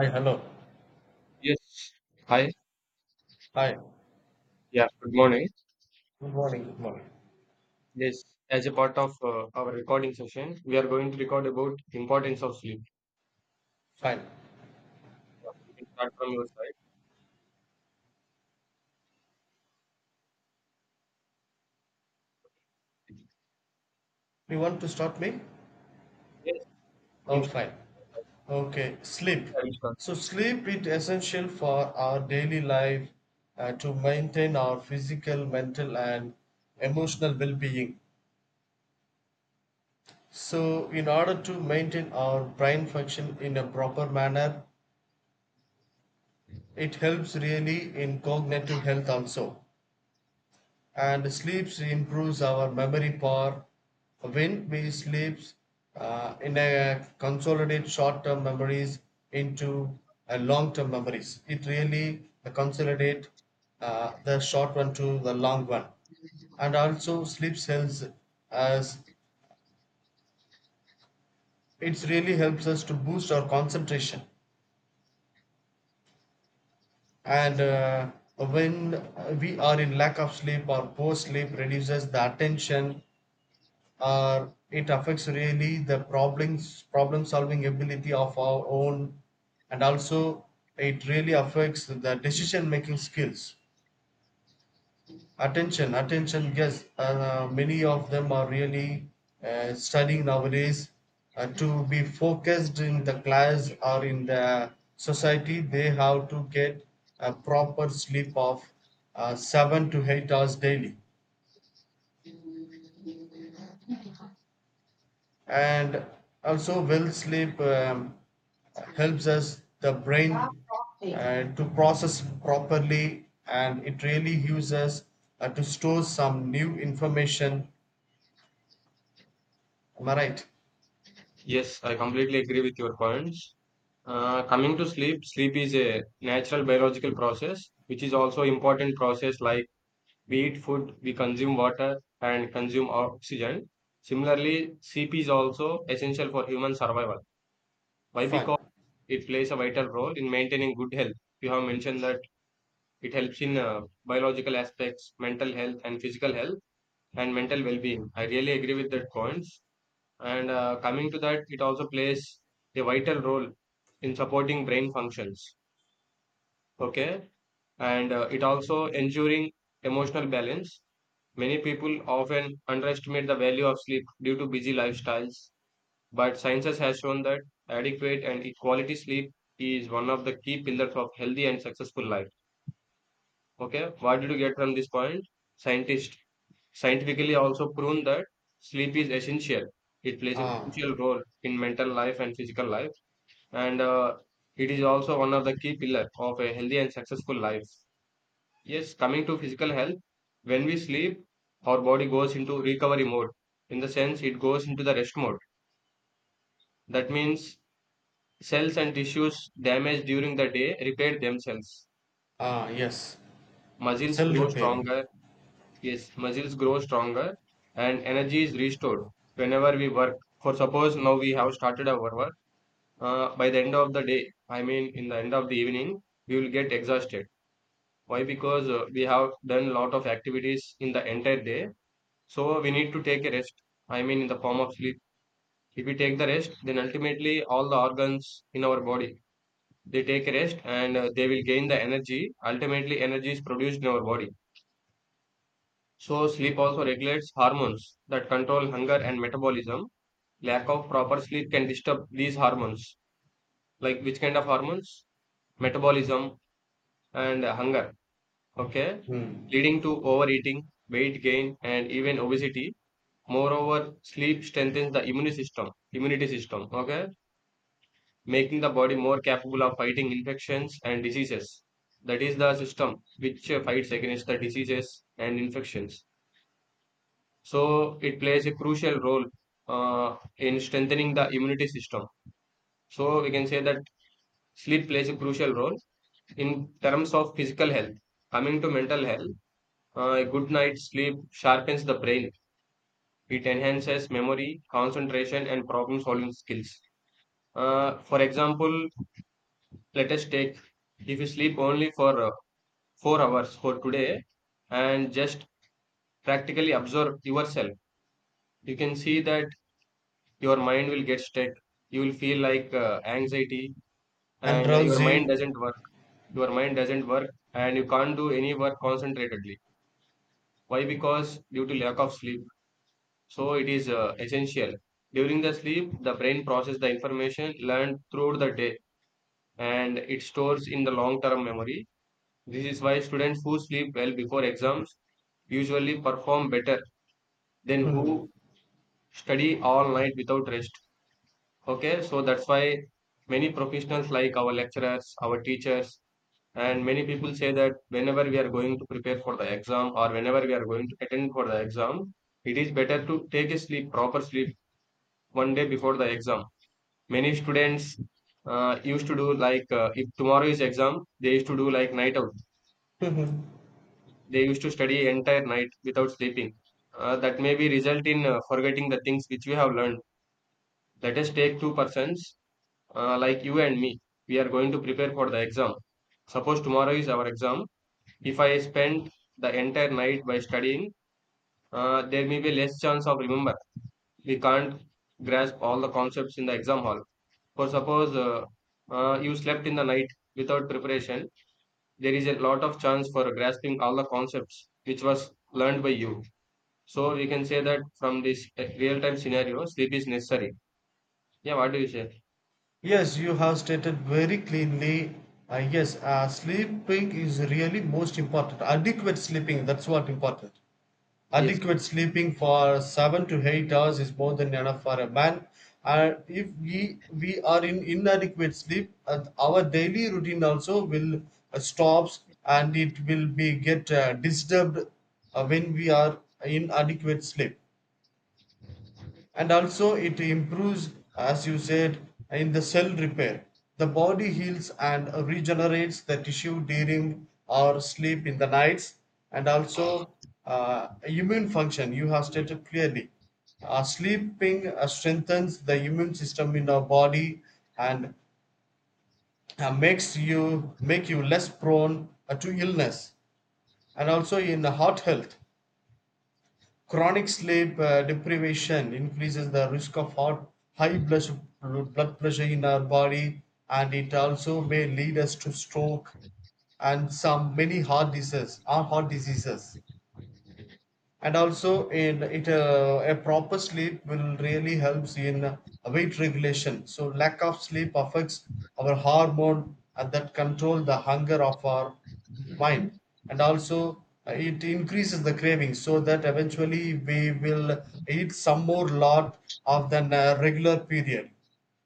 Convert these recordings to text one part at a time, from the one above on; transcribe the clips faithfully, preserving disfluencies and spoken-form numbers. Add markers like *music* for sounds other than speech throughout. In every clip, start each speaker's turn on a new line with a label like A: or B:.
A: Hi, hello.
B: Yes. Hi.
A: Hi.
B: Yeah, good morning.
A: Good morning. Good morning.
B: Yes, as a part of uh, our recording session, we are going to record about importance of sleep.
A: Fine.
B: Yeah, you can start from your side.
A: You want to stop me?
B: Yes, you can
A: Oh,
B: start.
A: fine. Okay. Sleep.
B: I will start.
A: So sleep is essential for our daily life uh, to maintain our physical, mental, and emotional well-being. So in order to maintain our brain function in a proper manner, it helps really in cognitive health also. And sleeps improves our memory power. When we sleep, uh, in a consolidate short-term memories into a long-term memories, it really consolidate uh, the short one to the long one. And also sleep helps as it really helps us to boost our concentration. And uh, when we are in lack of sleep or poor sleep reduces the attention, uh, it affects really the problems problem solving ability of our own. And also it really affects the decision making skills. Attention attention yes, uh, many of them are really uh, studying nowadays, uh, to be focused in the class or in the society. They have to get a proper sleep of uh, seven to eight hours daily. And also well sleep um, helps us the brain uh, to process properly, and it really uses uh, to store some new information. Am I right?
B: Yes, I completely agree with your points. Uh, coming to sleep, sleep is a natural biological process, which is also important process like we eat food, we consume water, and consume oxygen. Similarly, sleep is also essential for human survival. Why? Because
A: Fine.
B: it plays a vital role in maintaining good health. You have mentioned that it helps in uh, biological aspects, mental health, and physical health, and mental well being. I really agree with that points. And uh, coming to that, it also plays a vital role in supporting brain functions. Okay. And uh, it also ensuring emotional balance. Many people often underestimate the value of sleep due to busy lifestyles, but sciences has shown that adequate and quality sleep is one of the key pillars of healthy and successful life. Okay, what did you get from this point? Scientists scientifically also proven that sleep is essential. It plays a
A: Ah.
B: crucial role in mental life and physical life, and uh, it is also one of the key pillars of a healthy and successful life. Yes, coming to physical health, when we sleep, our body goes into recovery mode. In the sense, it goes into the rest mode. That means cells and tissues damaged during the day repair themselves.
A: Ah, yes.
B: Muscles
A: Cell
B: grow
A: repairing.
B: stronger. Yes, muscles grow stronger and energy is restored whenever we work. For suppose now we have started our work, uh, by the end of the day, I mean in the end of the evening, we will get exhausted. Why? Because uh, we have done a lot of activities in the entire day. So we need to take a rest. I mean in the form of sleep. If we take the rest, then ultimately all the organs in our body they take rest and uh, they will gain the energy. Ultimately, energy is produced in our body. So, sleep also regulates hormones that control hunger and metabolism. Lack of proper sleep can disturb these hormones. Like which kind of hormones? Metabolism and uh, hunger. Okay.
A: Hmm.
B: Leading to overeating, weight gain, and even obesity. Moreover, sleep strengthens the immune system, immunity system. Okay, making the body more capable of fighting infections and diseases. That is the system which uh, fights against the diseases and infections. So it plays a crucial role uh, in strengthening the immunity system. So we can say that sleep plays a crucial role in terms of physical health. Coming to mental health, uh, a good night's sleep sharpens the brain. It enhances memory, concentration, and problem solving skills. Uh, for example, let us take if you sleep only for uh, four hours for today and just practically observe yourself. You can see that your mind will get stuck, you will feel like uh, anxiety
A: And
B: and your mind
A: drowsy.
B: doesn't work, your mind doesn't work and you can't do any work concentratedly. Why? Because due to lack of sleep. So it is uh, essential during the sleep the brain processes the information learned throughout the day and it stores in the long term memory. This is why students who sleep well before exams usually perform better then who
A: Hmm.
B: study all night without rest. Okay, so that's why many professionals like our lecturers, our teachers, and many people say that whenever we are going to prepare for the exam or whenever we are going to attend for the exam, it is better to take a sleep, proper sleep, one day before the exam. Many students uh, used to do like uh, if tomorrow is exam, they used to do like night out.
A: *laughs*
B: They used to study entire night without sleeping. Uh, that may be result in uh, forgetting the things which we have learned. Let us take two persons uh, like you and me. We are going to prepare for the exam. Suppose tomorrow is our exam. If I spend the entire night by studying, uh, there may be less chance of remember. We can't grasp all the concepts in the exam hall. For suppose uh, uh, you slept in the night without preparation, there is a lot of chance for grasping all the concepts which was learned by you. So we can say that from this real time scenario, sleep is necessary. Yeah, what do you say?
A: Yes, you have stated very cleanly. Uh, yes, uh, sleeping is really most important, adequate sleeping, that's what important.
B: Yes,
A: Adequate sleeping for seven to eight hours is more than enough for a man. And if we we are in inadequate sleep, uh, our daily routine also will uh, stops, and it will be get uh, disturbed uh, when we are in adequate sleep. And also it improves, as you said, in the cell repair. The body heals and regenerates the tissue during our sleep in the nights. And also, uh, immune function, you have stated clearly. Uh, sleeping uh, strengthens the immune system in our body, and uh, makes you make you less prone uh, to illness. And also in the heart health, chronic sleep uh, deprivation increases the risk of heart, high blood, su- blood pressure in our body, and it also may lead us to stroke and some many heart diseases. Our heart diseases. And also in it, uh, a proper sleep will really helps in uh, weight regulation. So lack of sleep affects our hormone and that control the hunger of our mind. And also uh, it increases the craving, so that eventually we will eat some more lot of than a regular period.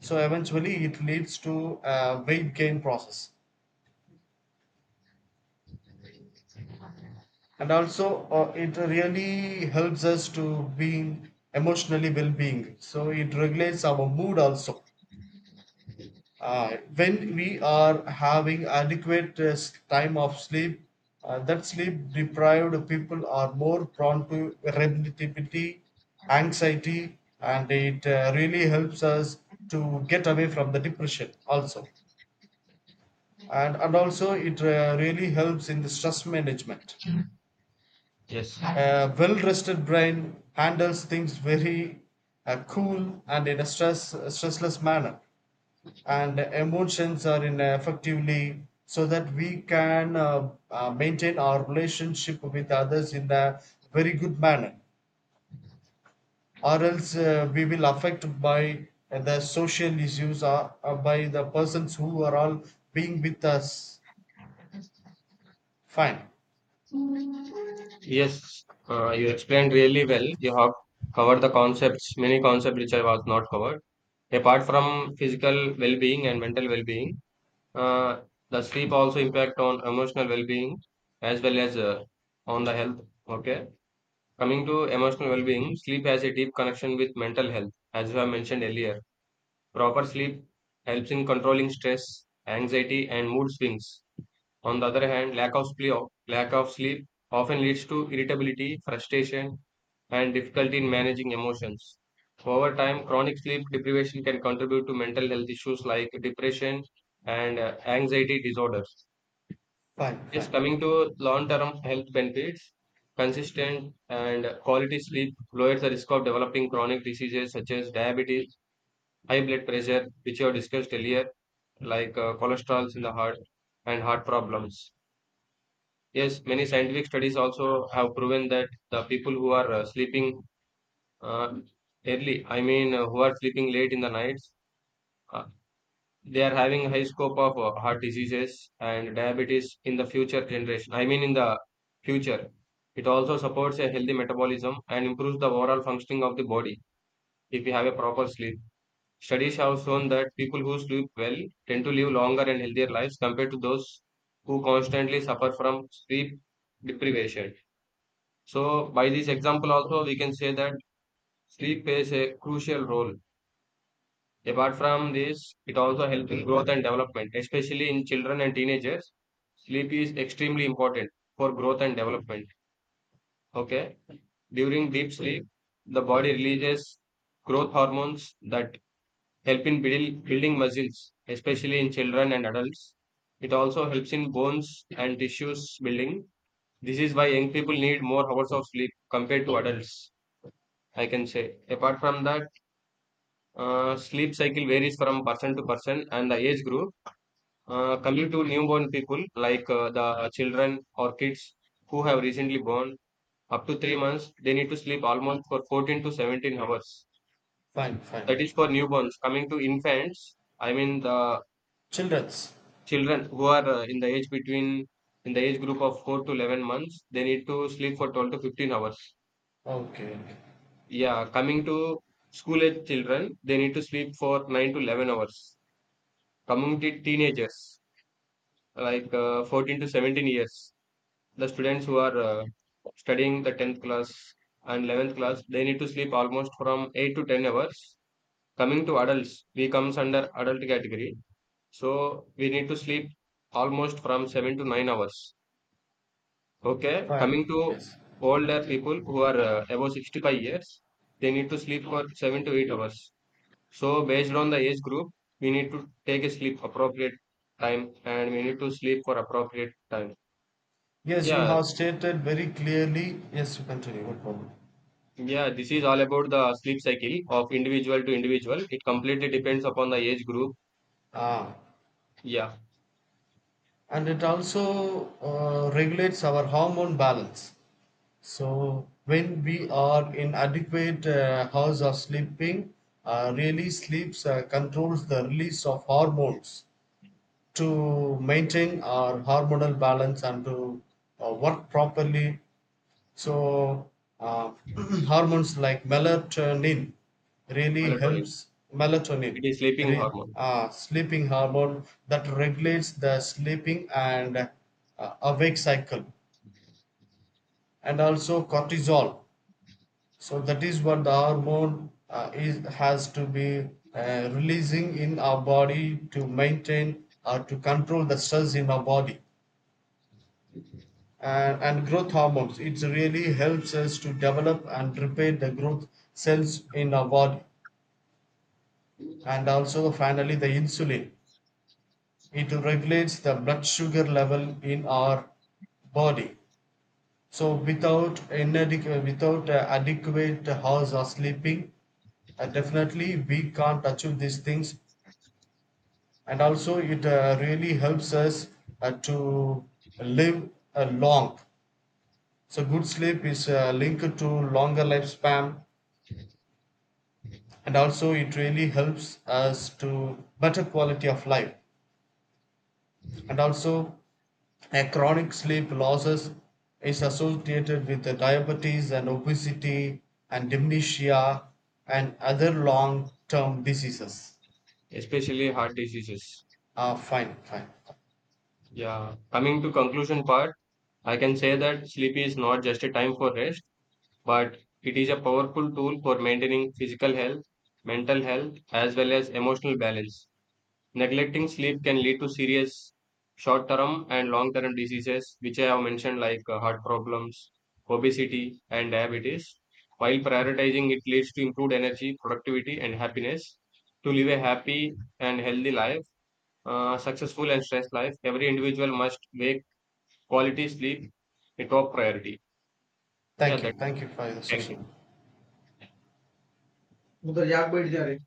A: So eventually it leads to a weight gain process. And also uh, it really helps us to being emotionally well-being. So it regulates our mood also uh, when we are having adequate uh, s- time of sleep. Uh, that sleep deprived people are more prone to irritability, anxiety, and it uh, really helps us to get away from the depression also. And and also it uh, really helps in the stress management.
B: yes.
A: A well rested brain handles things very uh, cool and in a stress stressless manner, and emotions are in effectively, so that we can uh, uh, maintain our relationship with others in a very good manner, or else uh, we will affect by the social issues or, or by the persons who are all being with us. Fine,
B: Yes, uh, you explained really well. You have covered the concepts, many concepts which I was not covered. Apart from physical well-being and mental well-being, uh, the sleep also impact on emotional well-being as well as uh, on the health. Okay, coming to emotional well-being, sleep has a deep connection with mental health, as I mentioned earlier. Proper sleep helps in controlling stress, anxiety, and mood swings. On the other hand, lack of sleep, lack of sleep often leads to irritability, frustration, and difficulty in managing emotions. Over time, chronic sleep deprivation can contribute to mental health issues like depression and uh, anxiety disorders.
A: fine,
B: Yes,
A: fine,
B: coming to long term health benefits, consistent and quality sleep lowers the risk of developing chronic diseases such as diabetes, high blood pressure, which you have discussed earlier, like uh, cholesterols in the heart and heart problems. Yes, many scientific studies also have proven that the people who are uh, sleeping uh, early, I mean, uh, who are sleeping late in the nights, uh, they are having high scope of uh, heart diseases and diabetes in the future generation. I mean, in the future, it also supports a healthy metabolism and improves the overall functioning of the body if you have a proper sleep. Studies have shown that people who sleep well tend to live longer and healthier lives compared to those who constantly suffer from sleep deprivation. So by this example also we can say that sleep plays a crucial role. Apart from this, it also helps in growth and development, especially in children and teenagers. Sleep is extremely important for growth and development. Okay. During deep sleep, the body releases growth hormones that help in build, building muscles, especially in children and adults. It also helps in bones and tissues building. This is why young people need more hours of sleep compared to adults, I can say. Apart from that, Uh, sleep cycle varies from person to person and the age group. Uh, coming to newborn people, like uh, the children or kids who have recently born, up to three months, they need to sleep almost for fourteen to seventeen hours.
A: fine,
B: That
A: fine.
B: is for newborns. Coming to infants, I mean the
A: Children's.
B: children who are uh, in the age between in the age group of four to eleven months, they need to sleep for twelve to fifteen hours.
A: Okay, okay.
B: Yeah, coming to school age children, they need to sleep for nine to eleven hours. Coming to teenagers, like uh, fourteen to seventeen years, the students who are uh, studying the tenth class and eleventh class, they need to sleep almost from eight to ten hours. Coming to adults, we comes under adult category, so we need to sleep almost from seven to nine hours. Okay, coming
A: Fine.
B: to
A: Yes.
B: older people who are uh, above sixty-five years, they need to sleep for seven to eight hours. So based on the age group, we need to take a sleep appropriate time and we need to sleep for appropriate time.
A: Yes, you
B: Yeah.
A: have stated very clearly. Yes, you continue, no problem.
B: Yeah, this is all about the sleep cycle of individual to individual. It completely depends upon the age group.
A: Ah,
B: Yeah,
A: and it also uh, regulates our hormone balance. So when we are in adequate uh, hours of sleeping, uh, really sleeps uh, controls the release of hormones to maintain our hormonal balance and to uh, work properly. So uh, *clears throat* hormones like melatonin really
B: melatonin.
A: helps. Melatonin,
B: It is sleeping
A: re,
B: hormone,
A: uh, sleeping hormone that regulates the sleeping and uh, awake cycle, and also cortisol. So that is what the hormone uh, is has to be uh, releasing in our body to maintain or to control the stress in our body. and, and growth hormones. It really helps us to develop and repair the growth cells in our body. And also, finally, the insulin. It regulates the blood sugar level in our body. So, without inadequate, without uh, adequate house or sleeping, uh, definitely we can't achieve these things. And also, it uh, really helps us uh, to live uh, long. So, good sleep is uh, linked to longer lifespan, and also it really helps us to better quality of life. And also, a chronic sleep losses is associated with the diabetes and obesity and dementia and other long term diseases.
B: especially heart diseases.
A: Ah, fine, fine.
B: Yeah, coming to conclusion part, I can say that sleep is not just a time for rest, but it is a powerful tool for maintaining physical health, mental health, as well as emotional balance. Neglecting sleep can lead to serious short term and long term diseases, which I have mentioned, like uh, heart problems, obesity, and diabetes. While prioritizing it leads to improved energy, productivity, and happiness. To live a happy and healthy life, uh, successful and stress life, every individual must make quality sleep a top priority. Yeah,
A: Thank
B: that,
A: you, thank you for the
B: thank
A: session.
B: you. उधर जाग बैठ